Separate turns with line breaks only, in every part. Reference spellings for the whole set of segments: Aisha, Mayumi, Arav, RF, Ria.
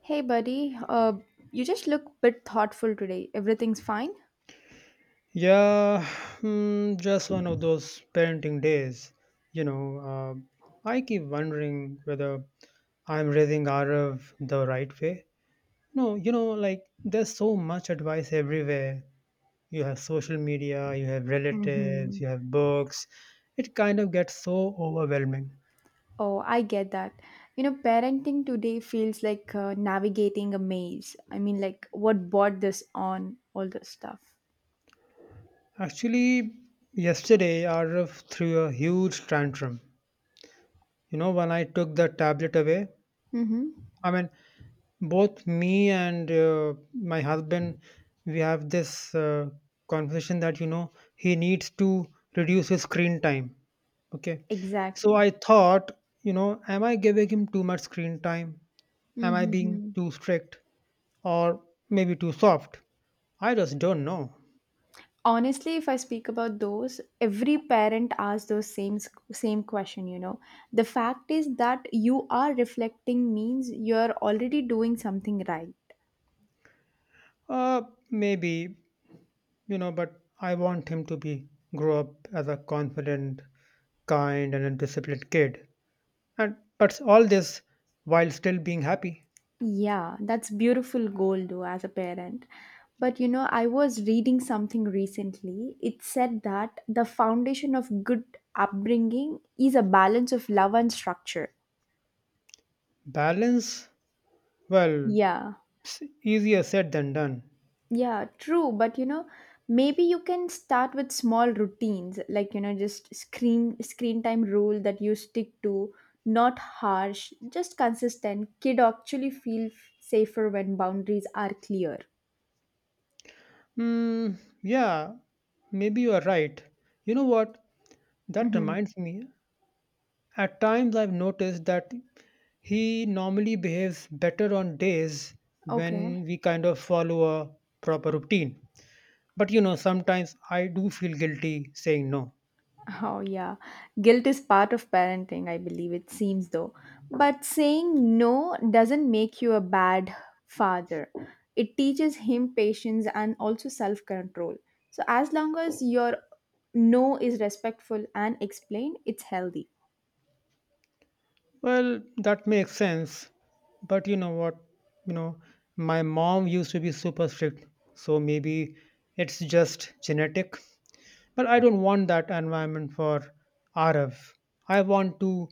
Hey, buddy, you just look a bit thoughtful today. Everything's fine?
Yeah, hmm, just one of those parenting days. You know, I keep wondering whether I'm raising Arav the right way. No, you know, like there's so much advice everywhere. You have social media, you have relatives,
Mm-hmm.
you have books. It kind of gets so overwhelming.
Oh, I get that. You know, parenting today feels like navigating a maze. I mean, like, what brought this on? All this stuff.
Actually, yesterday Arav threw a huge tantrum. You know, when I took the tablet away.
Mm-hmm.
I mean, both me and my husband we have this conversation that you know he needs to reduce his screen time. Okay, so
Exactly.
I thought, you know, am I giving him too much screen time? Am I being
Mm-hmm.
too strict, or maybe too soft? I just don't know.
Honestly, if I speak about those, every parent asks those same question. You know, the fact is that you are reflecting means you are already doing something right.
uh Maybe, you know, but I want him to be grow up as a confident, kind and a disciplined kid, and but all this while still being happy.
Yeah, that's beautiful goal though as a parent. But you know, I was reading something recently. It said that the foundation of good upbringing is a balance of love and structure.
Balance? Well,
Yeah,
it's easier said than done.
yeah, true. But you know, maybe you can start with small routines, like you know, just screen time rule that you stick to, not harsh, just consistent. Kid actually feel safer when boundaries are clear.
Hmm, yeah, maybe you are right. You know what? That
Mm-hmm.
reminds me. At times I've noticed that he normally behaves better on days
Okay.
when we kind of follow a proper routine. But you know, sometimes I do feel guilty saying no.
Oh, yeah. Guilt is part of parenting, I believe it seems though. But saying no doesn't make you a bad father. It teaches him patience and also self control. So, as long as your no is respectful and explained, it's healthy.
Well, that makes sense. But you know what? You know, my mom used to be super strict, so maybe it's just genetic. But I don't want that environment for Arav. I want to,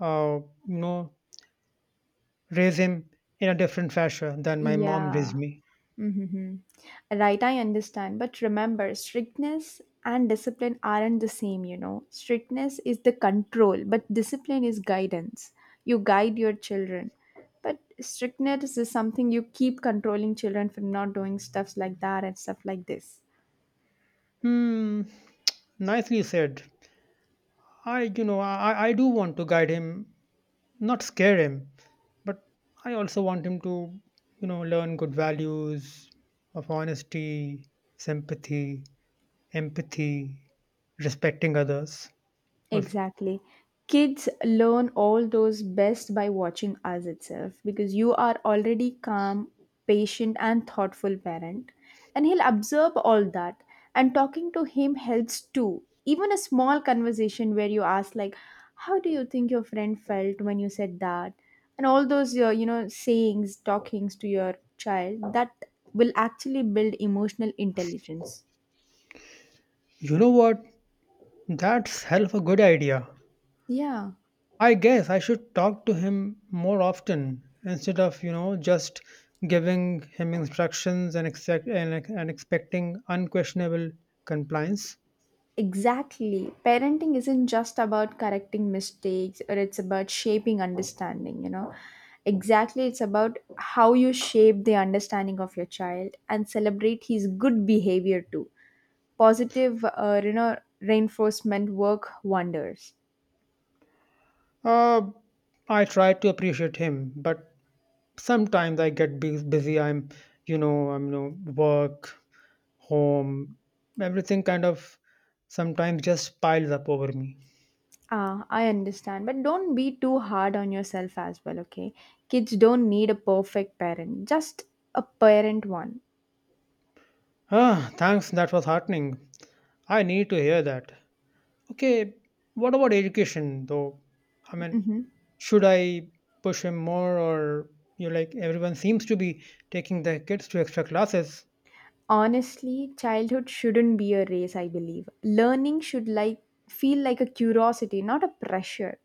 uh, you know, raise him in a different fashion than my mom raised
Yeah.
me.
Hmm. Right, I understand. But remember, strictness and discipline aren't the same, you know. Strictness is the control, but discipline is guidance. You guide your children. But strictness is something you keep controlling children for not doing stuffs like that and stuff like this.
Hmm, nicely said. I, you know, I do want to guide him, not scare him, but I also want him to, you know, learn good values of honesty, sympathy, empathy, respecting others, also.
Exactly. Kids learn all those best by watching us itself because you are already calm, patient, and thoughtful parent. And he'll observe all that. And talking to him helps too. Even a small conversation where you ask, like, how do you think your friend felt when you said that? And all those, you know, sayings, talkings to your child, that will actually build emotional intelligence.
You know what? That's hell of a good idea.
Yeah.
I guess I should talk to him more often instead of, you know, just giving him instructions and, and expecting unquestionable compliance.
Exactly. Parenting isn't just about correcting mistakes or it's about shaping understanding, you know. Exactly, it's about how you shape the understanding of your child and celebrate his good behavior too. Positive, you know, reinforcement work wonders.
Uh, I try to appreciate him, but sometimes I get busy. I'm, work, home, everything kind of sometimes just piles up over me.
Ah, I understand, but don't be too hard on yourself as well, okay? Kids don't need a perfect parent, just a parent one.
Ah, thanks. That was heartening. I need to hear that. Okay, what about education though? I mean,
Mhm.
should I push him more, or you know, like everyone seems to be taking their kids to extra classes?
Honestly, childhood shouldn't be a race, I believe. Learning should like feel like a curiosity, not a pressure.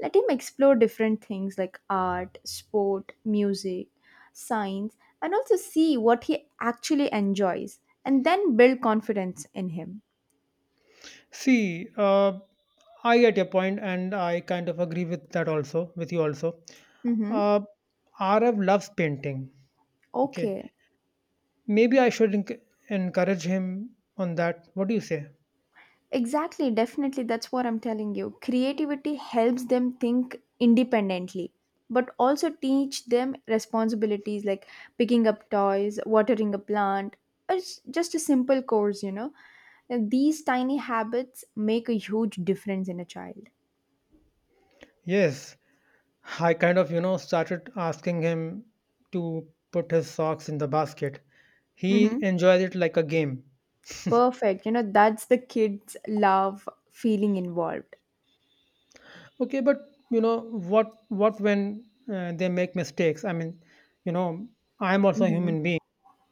Let him explore different things like art, sport, music, science, and also see what he actually enjoys and then build confidence in him.
See, I get your point, and I kind of agree with that also, with you also.
Mhm.
Uh, RF loves painting. Okay,
Okay.
maybe I should encourage him on that. What do you say?
Exactly, definitely. That's what I'm telling you. Creativity helps them think independently, but also teach them responsibilities like picking up toys, watering a plant, or just a simple course, you know. And these tiny habits make a huge difference in a child.
Yes, I kind of, you know, started asking him to put his socks in the basket.
Hmm.
He enjoys it like a game.
Perfect. You know, that's the kids love feeling involved.
Okay, but you know what? What when they make mistakes? I mean, you know, I am also a
Hmm.
human being.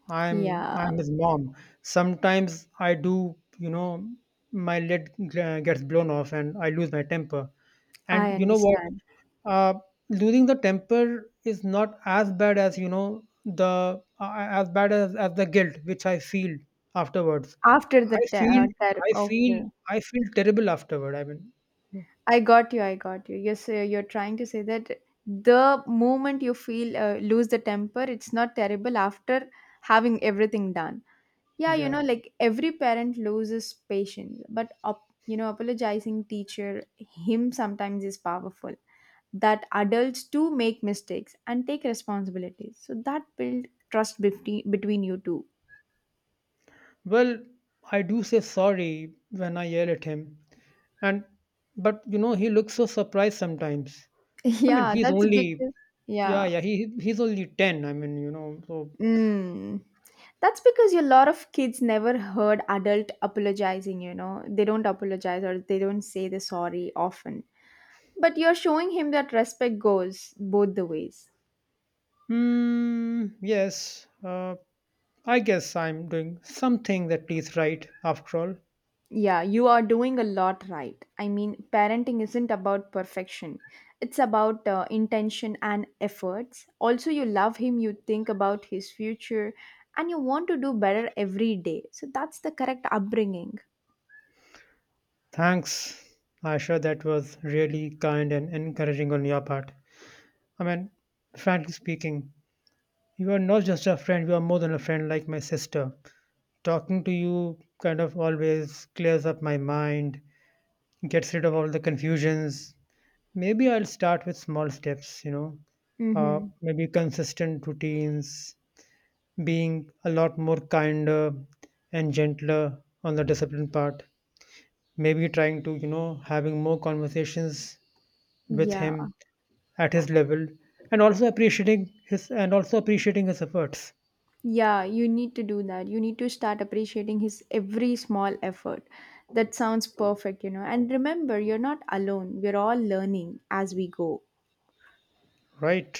I'm
Yeah,
I'm his mom. Sometimes I do, you know, my lid gets blown off and I lose my temper.
I
And you know what?
understand.
Uh, losing the temper is not as bad as you know the as bad as the guilt which I feel afterwards.
After the
I
ter-
feel
ter-
I feel
Okay.
I feel terrible afterward. I mean,
I got you. I got you. Yes, you're trying to say that the moment you feel lose the temper, it's not terrible after having everything done. Yeah, you
yeah.
know, like every parent loses patience, but up, you know, apologizing teacher him sometimes is powerful. That adults too make mistakes and take responsibilities, so that build trust between you two.
Well, I do say sorry when I yell at him, and but you know he looks so surprised sometimes. I mean,
Yeah,
he's
that's
only
because
yeah,
yeah.
yeah. He's only 10. I mean, you know. So,
Mm. That's because a lot of kids never heard adult apologizing, you know. They don't apologize or they don't say the sorry often. But you're showing him that respect goes both the ways.
mm, yes. I guess I'm doing something that is right after all.
Yeah, you are doing a lot right. I mean, parenting isn't about perfection. It's about intention and efforts. Also, you love him, you think about his future, and you want to do better every day. So that's the correct upbringing.
Thanks, Aisha. That was really kind and encouraging on your part. I mean, frankly speaking, you are not just a friend. You are more than a friend, like my sister. Talking to you kind of always clears up my mind, gets rid of all the confusions. Maybe I'll start with small steps, you know,
Mhm.
maybe consistent routines, being a lot more kinder and gentler on the discipline part. Maybe trying to, you know, having more conversations with
Yeah.
him at his level, and also appreciating his and also appreciating his efforts.
Yeah, you need to do that. You need to start appreciating his every small effort. That sounds perfect, you know. And remember, you're not alone. We're all learning as we go.
Right,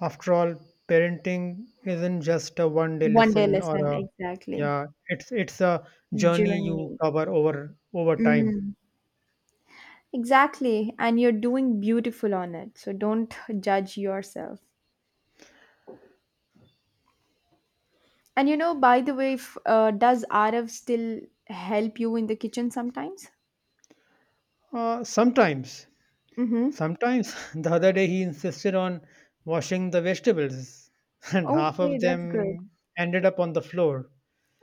after all, parenting isn't just a one day
One day
lesson or
lesson,
a,
exactly.
yeah, it's a journey you
Journey.
cover over time.
Mm. Exactly. And you're doing beautiful on it. So don't judge yourself. And you know, by the way, does RF still help you in the kitchen sometimes?
Sometimes,
Mm-hmm.
sometimes the other day he insisted on washing the vegetables, and half
Okay,
of
that's good.
them ended up on the floor.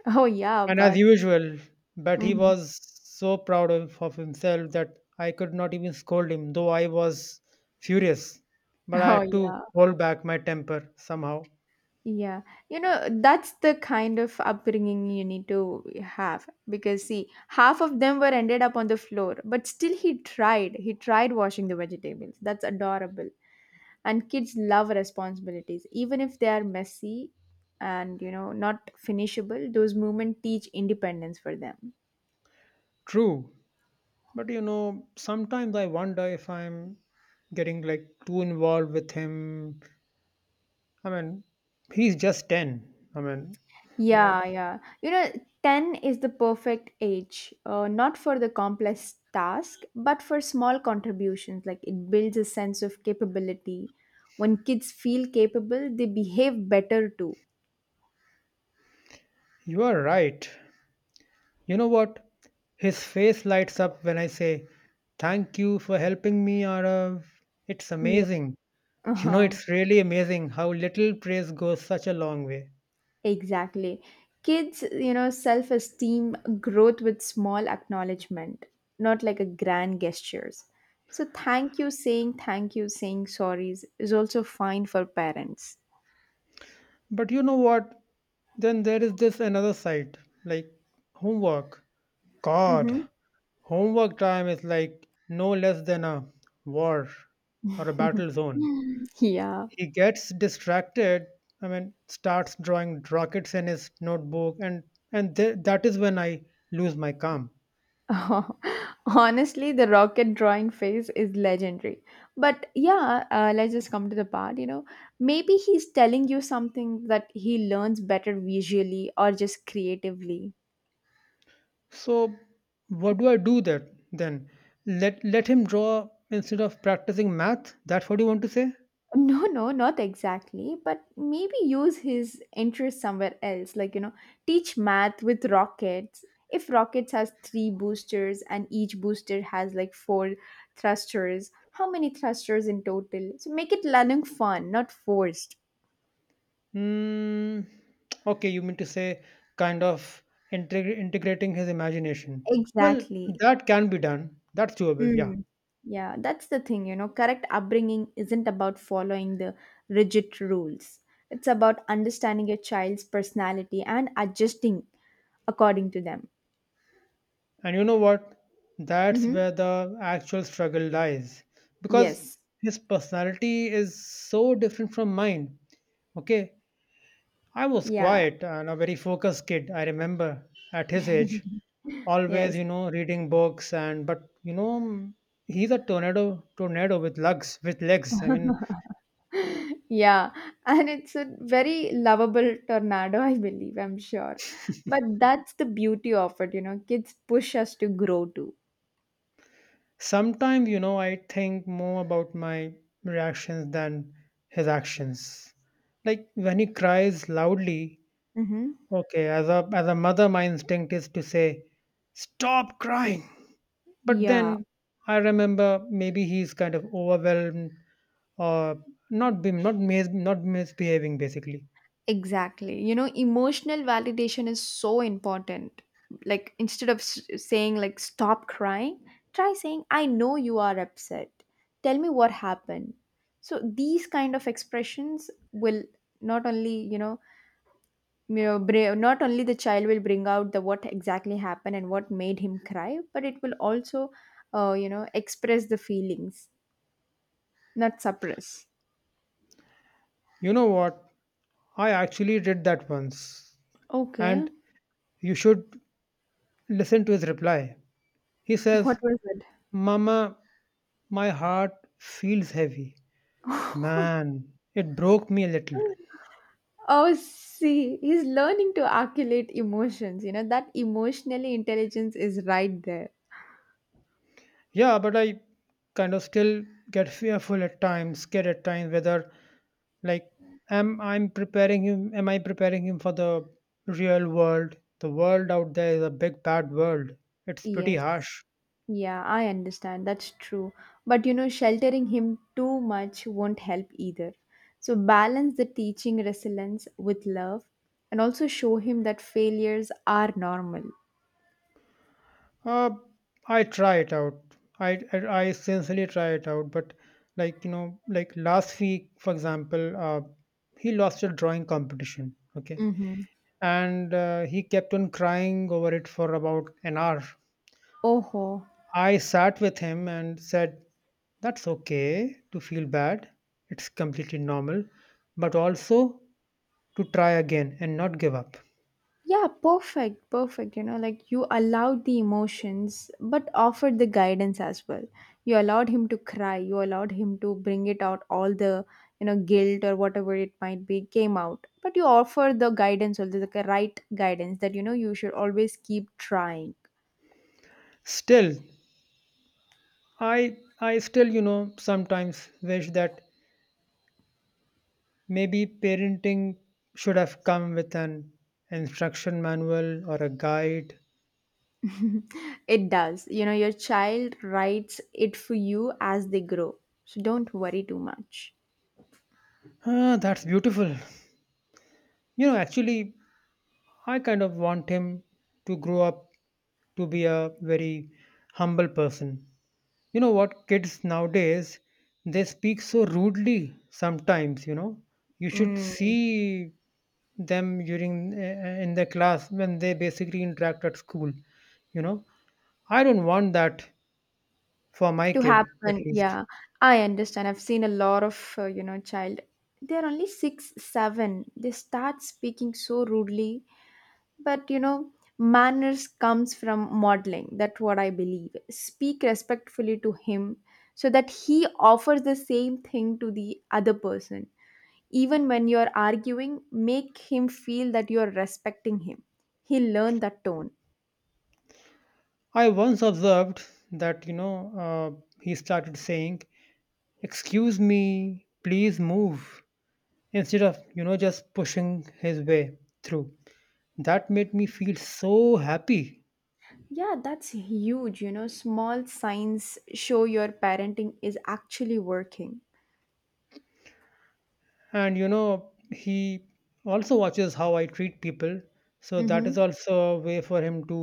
Oh, yeah,
And as
but.
usual, but he
Mm-hmm.
was so proud of himself that I could not even scold him, though I was furious. But I
Oh,
had to
yeah.
hold back my temper somehow.
Yeah, you know, that's the kind of upbringing you need to have because, see, half of them were ended up on the floor, but still he tried. He tried washing the vegetables. That's adorable. And kids love responsibilities, even if they are messy and, you know, not finishable, those movements teach independence for them.
True, but you know, sometimes I wonder if I'm getting like too involved with him. I mean, he's just 10. I mean, oh,
Yeah, yeah. You know, 10 is the perfect age, not for the complex task, but for small contributions. Like it builds a sense of capability. When kids feel capable, they behave better too.
you are right. You know what? His face lights up when I say, thank you for helping me, Arav. It's
Yeah.
amazing. You know,
Uh-huh.
it's really amazing how little praise goes such a long way.
Exactly. Kids, you know, self esteem growth with small acknowledgement, not like a grand gestures. So thank you, saying sorries is also fine for parents.
But you know what? Then there is this another side, like homework. God,
Mm-hmm.
homework time is like no less than a war or a battle zone.
Yeah.
He gets distracted. I mean, starts drawing rockets in his notebook, and that is when I lose my calm.
Oh, honestly, the rocket drawing phase is legendary. But yeah, let's just come to the part, you know. Maybe he's telling you something that he learns better visually or just creatively.
So, what do I do that then? Let him draw instead of practicing math. That's what you want to say?
No, no, not exactly. But maybe use his interest somewhere else. Like, you know, teach math with rockets. If rockets has three boosters and each booster has like four thrusters, how many thrusters in total? So make it learning fun, not forced.
Hmm. Okay, you mean to say kind of integrating his imagination. Well,
Exactly.
that can be done. That's doable. Yeah.
Mm. Yeah, that's the thing, you know, correct upbringing isn't about following the rigid rules. It's about understanding your child's personality and adjusting according to them.
And you know what? That's
Mm-hmm.
where the actual struggle lies. Because
Yes.
his personality is so different from mine. Okay, I was
Yeah.
quiet and a very focused kid, I remember at his age. Always,
Yes.
you know, reading books and but you know mm, he's a tornado with legs. I mean
Yeah. And it's a very lovable tornado, I believe, I'm sure. But that's the beauty of it, you know, kids push us to grow too.
sometimes, you know, I think more about my reactions than his actions. Like when he cries loudly,
Mm-hmm.
okay, as a mother, my instinct is to say, "Stop crying." But
Yeah.
then I remember maybe he's kind of overwhelmed, or not misbehaving basically.
Exactly. You know, emotional validation is so important. Like, instead of saying, like, stop crying, try saying, I know you are upset. Tell me what happened. So, these kind of expressions will not only, you know, not only the child will bring out the what exactly happened and what made him cry, but it will also, you know, express the feelings, not suppress.
You know what? I actually did that once,
Okay.
and you should listen to his reply. He says,
What was it?
"Mama, my heart feels heavy. Man, it broke me a little."
Oh, see, he's learning to articulate emotions. You know, that emotionally intelligence is right there.
Yeah, but I kind of still get fearful at times, scared at times whether like am I preparing him for the real world? The world out there is a big bad world. It's pretty
Yes.
harsh.
Yeah, I understand. That's true. But, you know, sheltering him too much won't help either. So, balance the teaching resilience with love and also show him that failures are normal.
Uh, I try it out. I, I I sincerely try it out, but like you know, like last week, for example, he lost a drawing competition. Okay,
Mm-hmm.
and he kept on crying over it for about an hour.
Oh.
I sat with him and said, that's okay to feel bad. It's completely normal, but also to try again and not give up.
Yeah, perfect, perfect. You know, like you allowed the emotions, but offered the guidance as well. You allowed him to cry. You allowed him to bring it out, all the, you know, guilt or whatever it might be came out. But you offered the guidance, also the right guidance that, you know, you should always keep trying.
Still, I still, you know, sometimes wish that maybe parenting should have come with an instruction manual or a guide.
It does. You know, your child writes it for you as they grow. So don't worry too much.
Ah, that's beautiful. You know, actually, I kind of want him to grow up to be a very humble person. You know what? Kids nowadays, they speak so rudely sometimes, you know. You should
Mm.
see them during in the class when they basically interact at school, you know. I don't want that for my
To
kid, at
happen,
least.
yeah, I understand. I've seen a lot of you know, child. They're only 6 7. They start speaking so rudely. But you know, manners comes from modeling. That's what I believe. Speak respectfully to him, so that he offers the same thing to the other person. Even when you're arguing, make him feel that you're respecting him. He learned that tone.
I once observed that, you know, he started saying, excuse me, please move, instead of, you know, just pushing his way through. That made me feel so happy,
Yeah, that's huge. You know, small signs show your parenting is actually working.
and you know he also watches how I treat people, so that is
Mm-hmm.
also a way for him to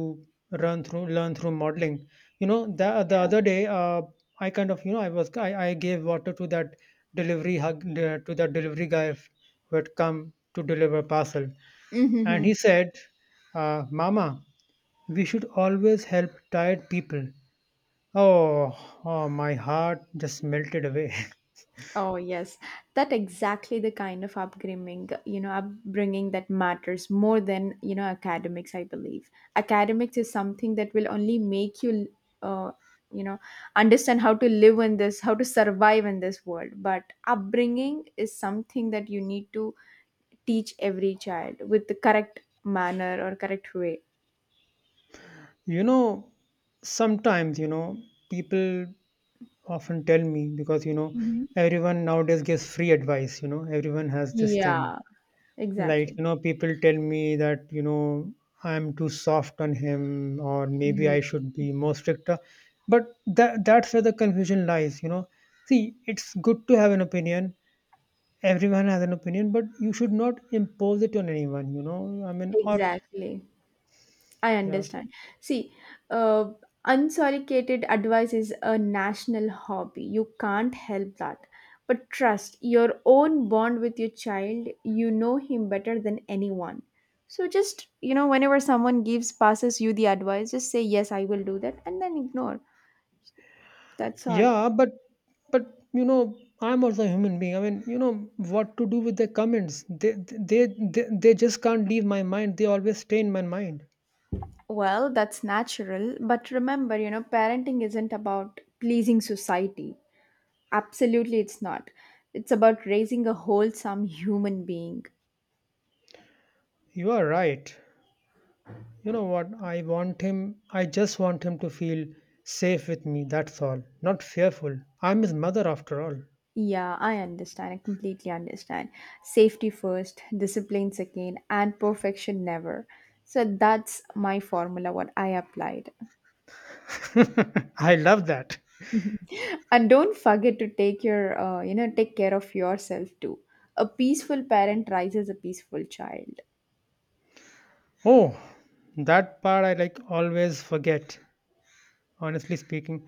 run through learn through modeling. You know, the
Yeah.
other day I kind of you know I gave water to that delivery guy who had come to deliver parcel, and
Mm-hmm.
he said, mama, we should always help tired people. Oh, oh my heart just melted away.
Oh, yes. That exactly the kind of upbringing, you know, upbringing that matters more than, you know, academics, I believe. Academics is something that will only make you, uh, you know, understand how to live in this, how to survive in this world. But upbringing is something that you need to teach every child with the correct manner or correct way.
You know, sometimes you know people often tell me, because you know
Mhm.
everyone nowadays gives free advice, you know everyone has this thing,
Yeah,
like
exactly.
you know people tell me that you know I'm too soft on him or maybe I
Mhm.
should be more stricter, but that's where the confusion lies, you know. See, it's good to have an opinion, everyone has an opinion, but you should not impose it on anyone, you know, I mean, or
Exactly. I
yeah.
understand. See, uh, unsolicited advice is a national hobby. You can't help that. But trust your own bond with your child, you know him better than anyone. So just, you know, whenever someone gives, passes you the advice, just say, yes, I will do that, and then ignore. That's all.
Yeah, but you know, I'm also a human being. I mean, you know, what to do with the comments? They just can't leave my mind. They always stay in my mind.
Well, that's natural. But remember, you know, parenting isn't about pleasing society. Absolutely, it's not. It's about raising a wholesome human being.
You are right. You know what? I want him. I just want him to feel safe with me. That's all. Not fearful. I'm his mother after all.
Yeah, I understand. I completely understand. Safety first, discipline second, and perfection never. So that's my formula what I applied.
I love that.
And don't forget to take your, you know, take care of yourself too. A peaceful parent raises a peaceful child.
Oh, that part I like always forget. Honestly speaking,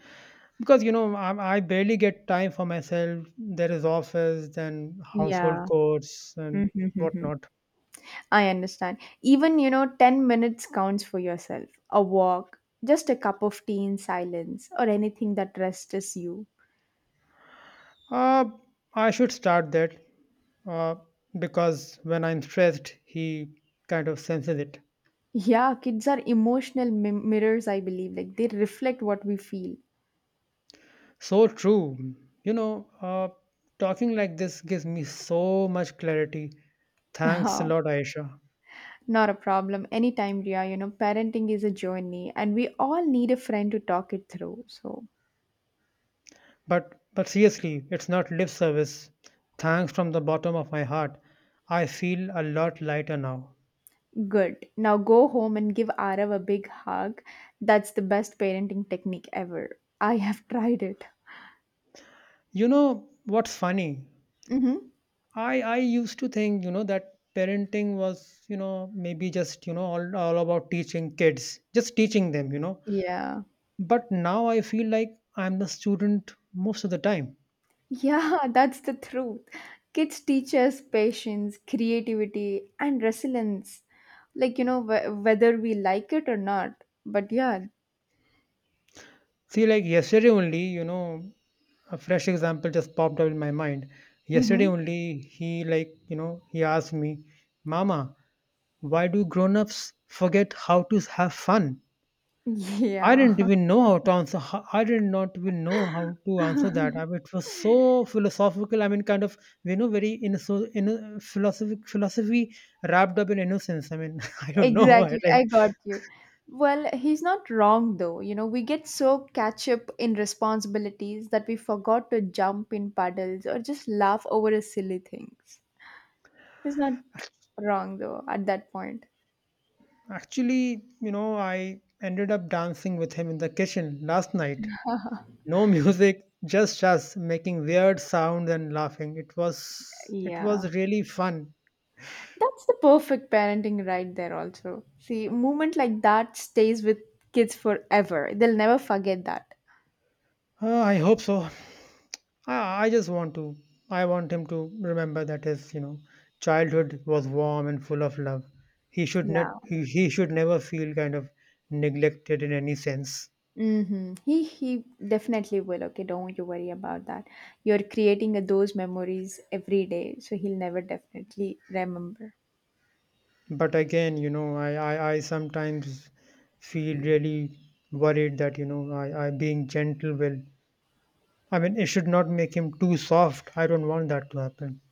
because you know, I barely get time for myself. There is office and household
Yeah.
chores and whatnot.
I understand. Even, you know, 10 minutes counts for yourself. A walk, just a cup of tea in silence, or anything that rests you.
Uh, I should start that, uh, because when I'm stressed, he kind of senses it.
Yeah, kids are emotional mirrors, I believe. Like they reflect what we feel.
So true. You know, talking like this gives me so much clarity. Thanks a
Yeah,
lot, Aisha.
not a problem. Anytime, Ria, you know, parenting is a journey and we all need a friend to talk it through. So,
But seriously, it's not lip service. Thanks from the bottom of my heart. I feel a lot lighter now.
good. Now go home and give Arav a big hug. That's the best parenting technique ever. I have tried it.
You know what's funny?
Mm-hmm.
I used to think that parenting was maybe just all about teaching kids, just teaching them.
Yeah.
But now I feel like I'm the student most of the time.
Yeah, that's the truth. Kids teach us patience, creativity, and resilience. Like, whether we like it or not. But yeah.
See, like yesterday only, a fresh example just popped up in my mind.
hmm
Yesterday only, he he asked me, "Mama, why do grown-ups forget how to have fun?" I
Yeah,
didn't even know how to answer. I did not even know how to answer that. I mean, it was so philosophical. I mean, kind of very in so in philosophic philosophy wrapped up in innocence. I mean, I don't know. I
exactly.
like
I got you. Well, he's not wrong though. You know, we get so catch up in responsibilities that we forgot to jump in puddles or just laugh over silly things. He's not wrong though at that point.
actually, you know, I ended up dancing with him in the kitchen last night. No music, just us making weird sounds and laughing. It was it
Yeah.
was really fun.
That's the perfect parenting right there also. See, moment like that stays with kids forever. They'll never forget that.
I hope so. I just want to. I want him to remember that his, you know, childhood was warm and full of love. He should not.
Yeah.
He should never feel kind of neglected in any sense.
Mm-hmm. He definitely will. Okay, don't you worry about that. You're creating those memories every day, so he'll never definitely remember.
But again, you know, I sometimes feel really worried that I being gentle will. I mean, it should not make him too soft. I don't want that to happen.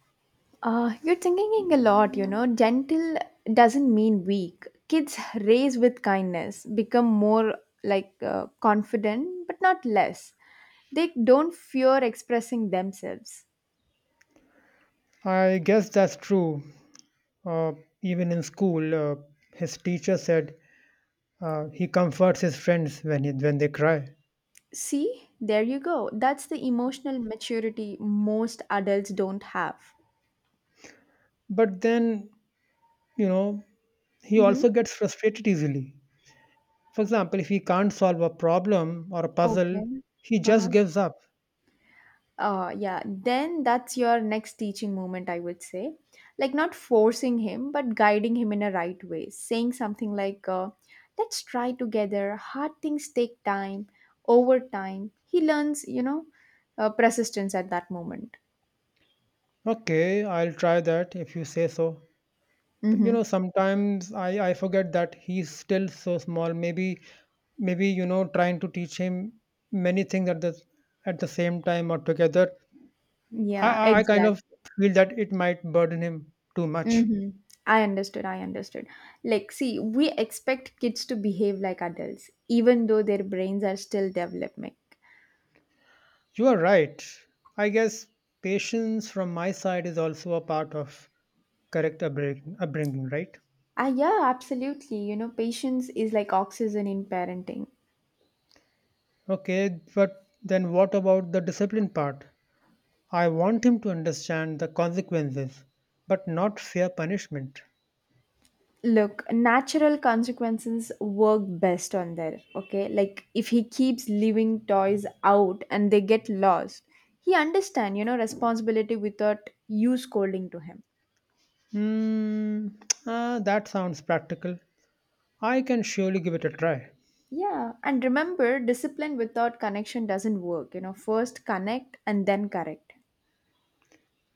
You're thinking a lot, you know. Gentle doesn't mean weak. Kids raise with kindness, become more like confident, but not less. They don't fear expressing themselves.
I guess that's true. Uh, Even in school, his teacher said he comforts his friends when he, when they cry.
See, there you go. That's the emotional maturity most adults don't have.
But then, you know, he also
Mm-hmm.
gets frustrated easily. For example, if he can't solve a problem or a puzzle,
Okay.
he just
Uh-huh.
gives up.
Yeah, then that's your next teaching moment, I would say. Like, not forcing him but guiding him in a right way, saying something like, let's try together, hard things take time. Over time he learns, you know, persistence at that moment.
Okay, I'll try that if you say so. But you
Mm-hmm.
know, sometimes I forget that he's still so small. Maybe you know trying to teach him many things at the same time or together. I
Yeah,
I I kind
exact
of feel that it might burden him too much.
mm-hmm. I understood. Like, see, we expect kids to behave like adults even though their brains are still developing.
You are right. I guess patience from my side is also a part of upbringing, right?
Ah, yeah, absolutely. You know, patience is like oxygen in parenting.
Okay, but then what about the discipline part? I want him to understand the consequences, but not fear punishment.
Look, natural consequences work best on there, okay? Like if he keeps leaving toys out and they get lost, he understand, you know, responsibility without you scolding to him.
Hmm, ah, that sounds practical. I can surely give it a try.
Yeah, and remember, discipline without connection doesn't work. You know, first connect and then correct.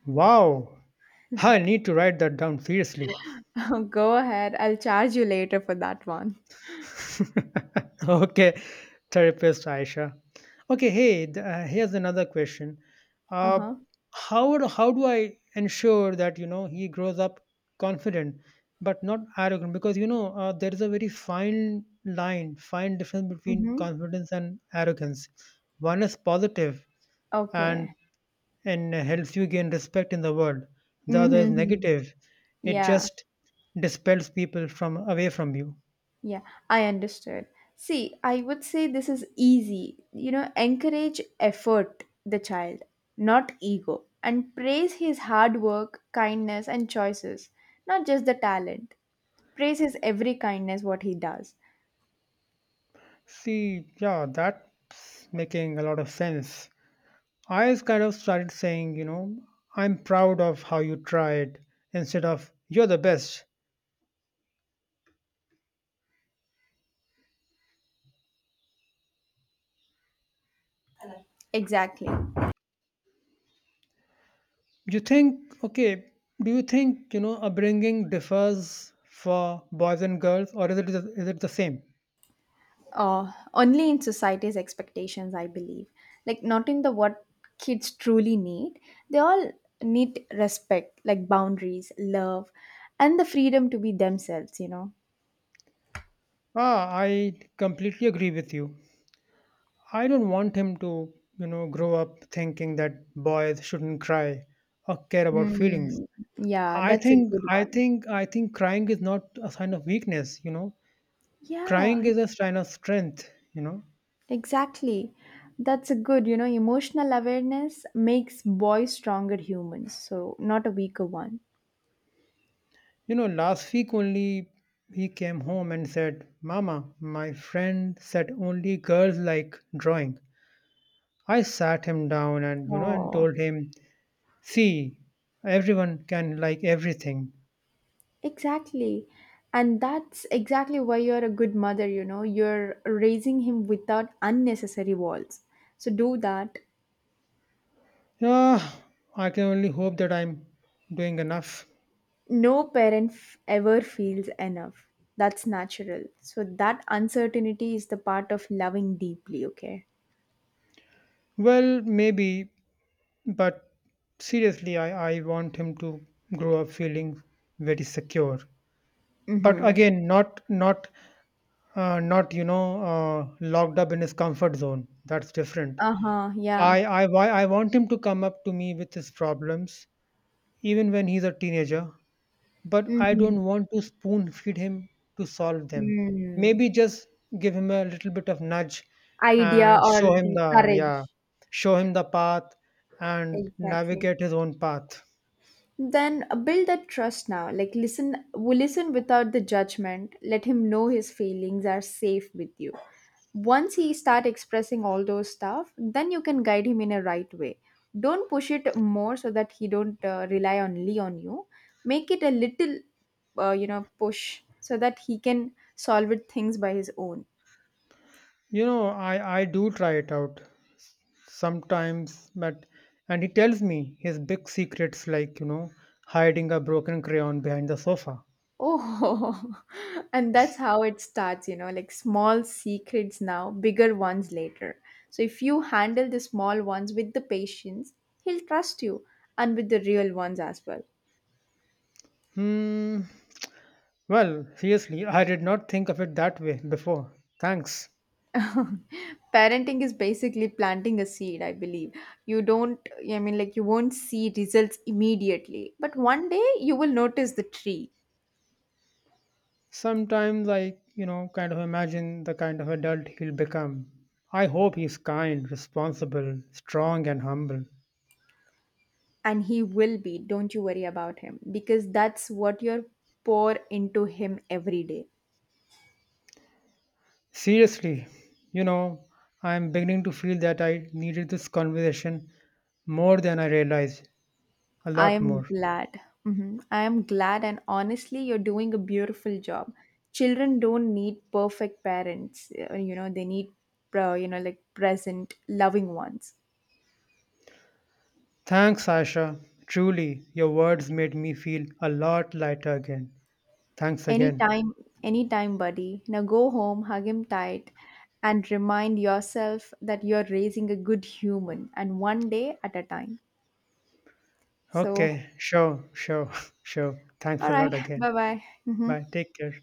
Wow, I need to write that down seriously.
Go ahead, I'll charge you later for that one.
Okay, therapist Aisha. Okay, hey, here's another question. uh,
Uh-huh.
how how do I ensure that you know he grows up confident but not arrogant, because you know there is a very fine difference between
Mm-hmm.
confidence and arrogance. One is positive
Okay.
and helps you gain respect in the world. The other is
Mm-hmm.
negative. It
Yeah.
just dispels people from away from you.
Yeah, I understood. See, I would say this is easy. You know, encourage effort, the child, not ego, and praise his hard work, kindness, and choices, not just the talent. Praise his every kindness, what he does.
See, yeah, that's making a lot of sense. I just kind of started saying, you know, "I'm proud of how you tried" instead of "you're the best."
Exactly.
You think, okay, do you think, you know, upbringing differs for boys and girls, or is it the same?
Only in society's expectations, I believe. Like, not in the what kids truly need. They all need respect, like boundaries, love, and the freedom to be themselves, you know.
Ah, I completely agree with you. I don't want him to, you know, grow up thinking that boys shouldn't cry or care about feelings.
Mm, yeah,
I
that's a
think
good
I
one.
think I think crying is not a sign of weakness, you know.
Yeah,
Crying is a sign of strength, you know.
exactly. That's a good, you know, emotional awareness makes boys stronger humans, so not a weaker one.
You know, last week only he came home and said, "Mama, my friend said only girls like drawing." I sat him down and and
Oh,
told him, see, everyone can like everything.
exactly. And that's exactly why you're a good mother, you know, you're raising him without unnecessary walls. So do that.
Ah, I can only hope that I'm doing enough.
No parent ever feels enough. That's natural. So that uncertainty is the part of loving deeply, okay?
Well, maybe. But seriously, I want him to grow up feeling very secure. But
Mm-hmm.
again, not not locked up in his comfort zone. That's different.
Uh-huh, yeah.
I why I want him to come up to me with his problems, even when he's a teenager. But I
Mm-hmm.
don't want to spoon feed him to solve them.
Mm.
Maybe just give him a little bit of nudge
Idea
and
or
show him
the
the yeah,
courage.
show him the path and
Exactly.
navigate his own path.
Then build that trust now. Like, listen, we listen without the judgment. Let him know his feelings are safe with you. Once he start expressing all those stuff, then you can guide him in a right way. Don't push it more so that he don't rely only on you. Make it a little, you know, push so that he can solve it things by his own.
You know, I do try it out sometimes, but and he tells me his big secrets, like, you know, hiding a broken crayon behind the sofa.
Oh, and that's how it starts, you know, like small secrets now, bigger ones later. So if you handle the small ones with the patience, he'll trust you and with the real ones as well.
Hmm. Well, seriously, I did not think of it that way before. Thanks.
Parenting is basically planting a seed, I believe. You don't, I mean, like, you won't see results immediately, but one day you will notice the tree,
Sometimes I, you know, kind of imagine the kind of adult he'll become. I hope he's kind, responsible, strong, and humble.
and he will be. Don't you worry about him because that's what you're pour into him every day.
Seriously, you know, I'm beginning to feel that I needed this conversation more than I realized. A
I
lot
am
more.
glad. Mhm. I am glad, and honestly, you're doing a beautiful job. Children don't need perfect parents. You know, they need, you know, like present, loving ones.
Thanks, Aisha. Truly, your words made me feel a lot lighter again. Thanks again.
Anytime, anytime, buddy. Now go home, hug him tight, and remind yourself that you're raising a good human, and one day at a time. So,
Okay, sure, sure, sure. Thanks
all
a
right,
lot again.
bye bye. Hmm
Bye. Take care.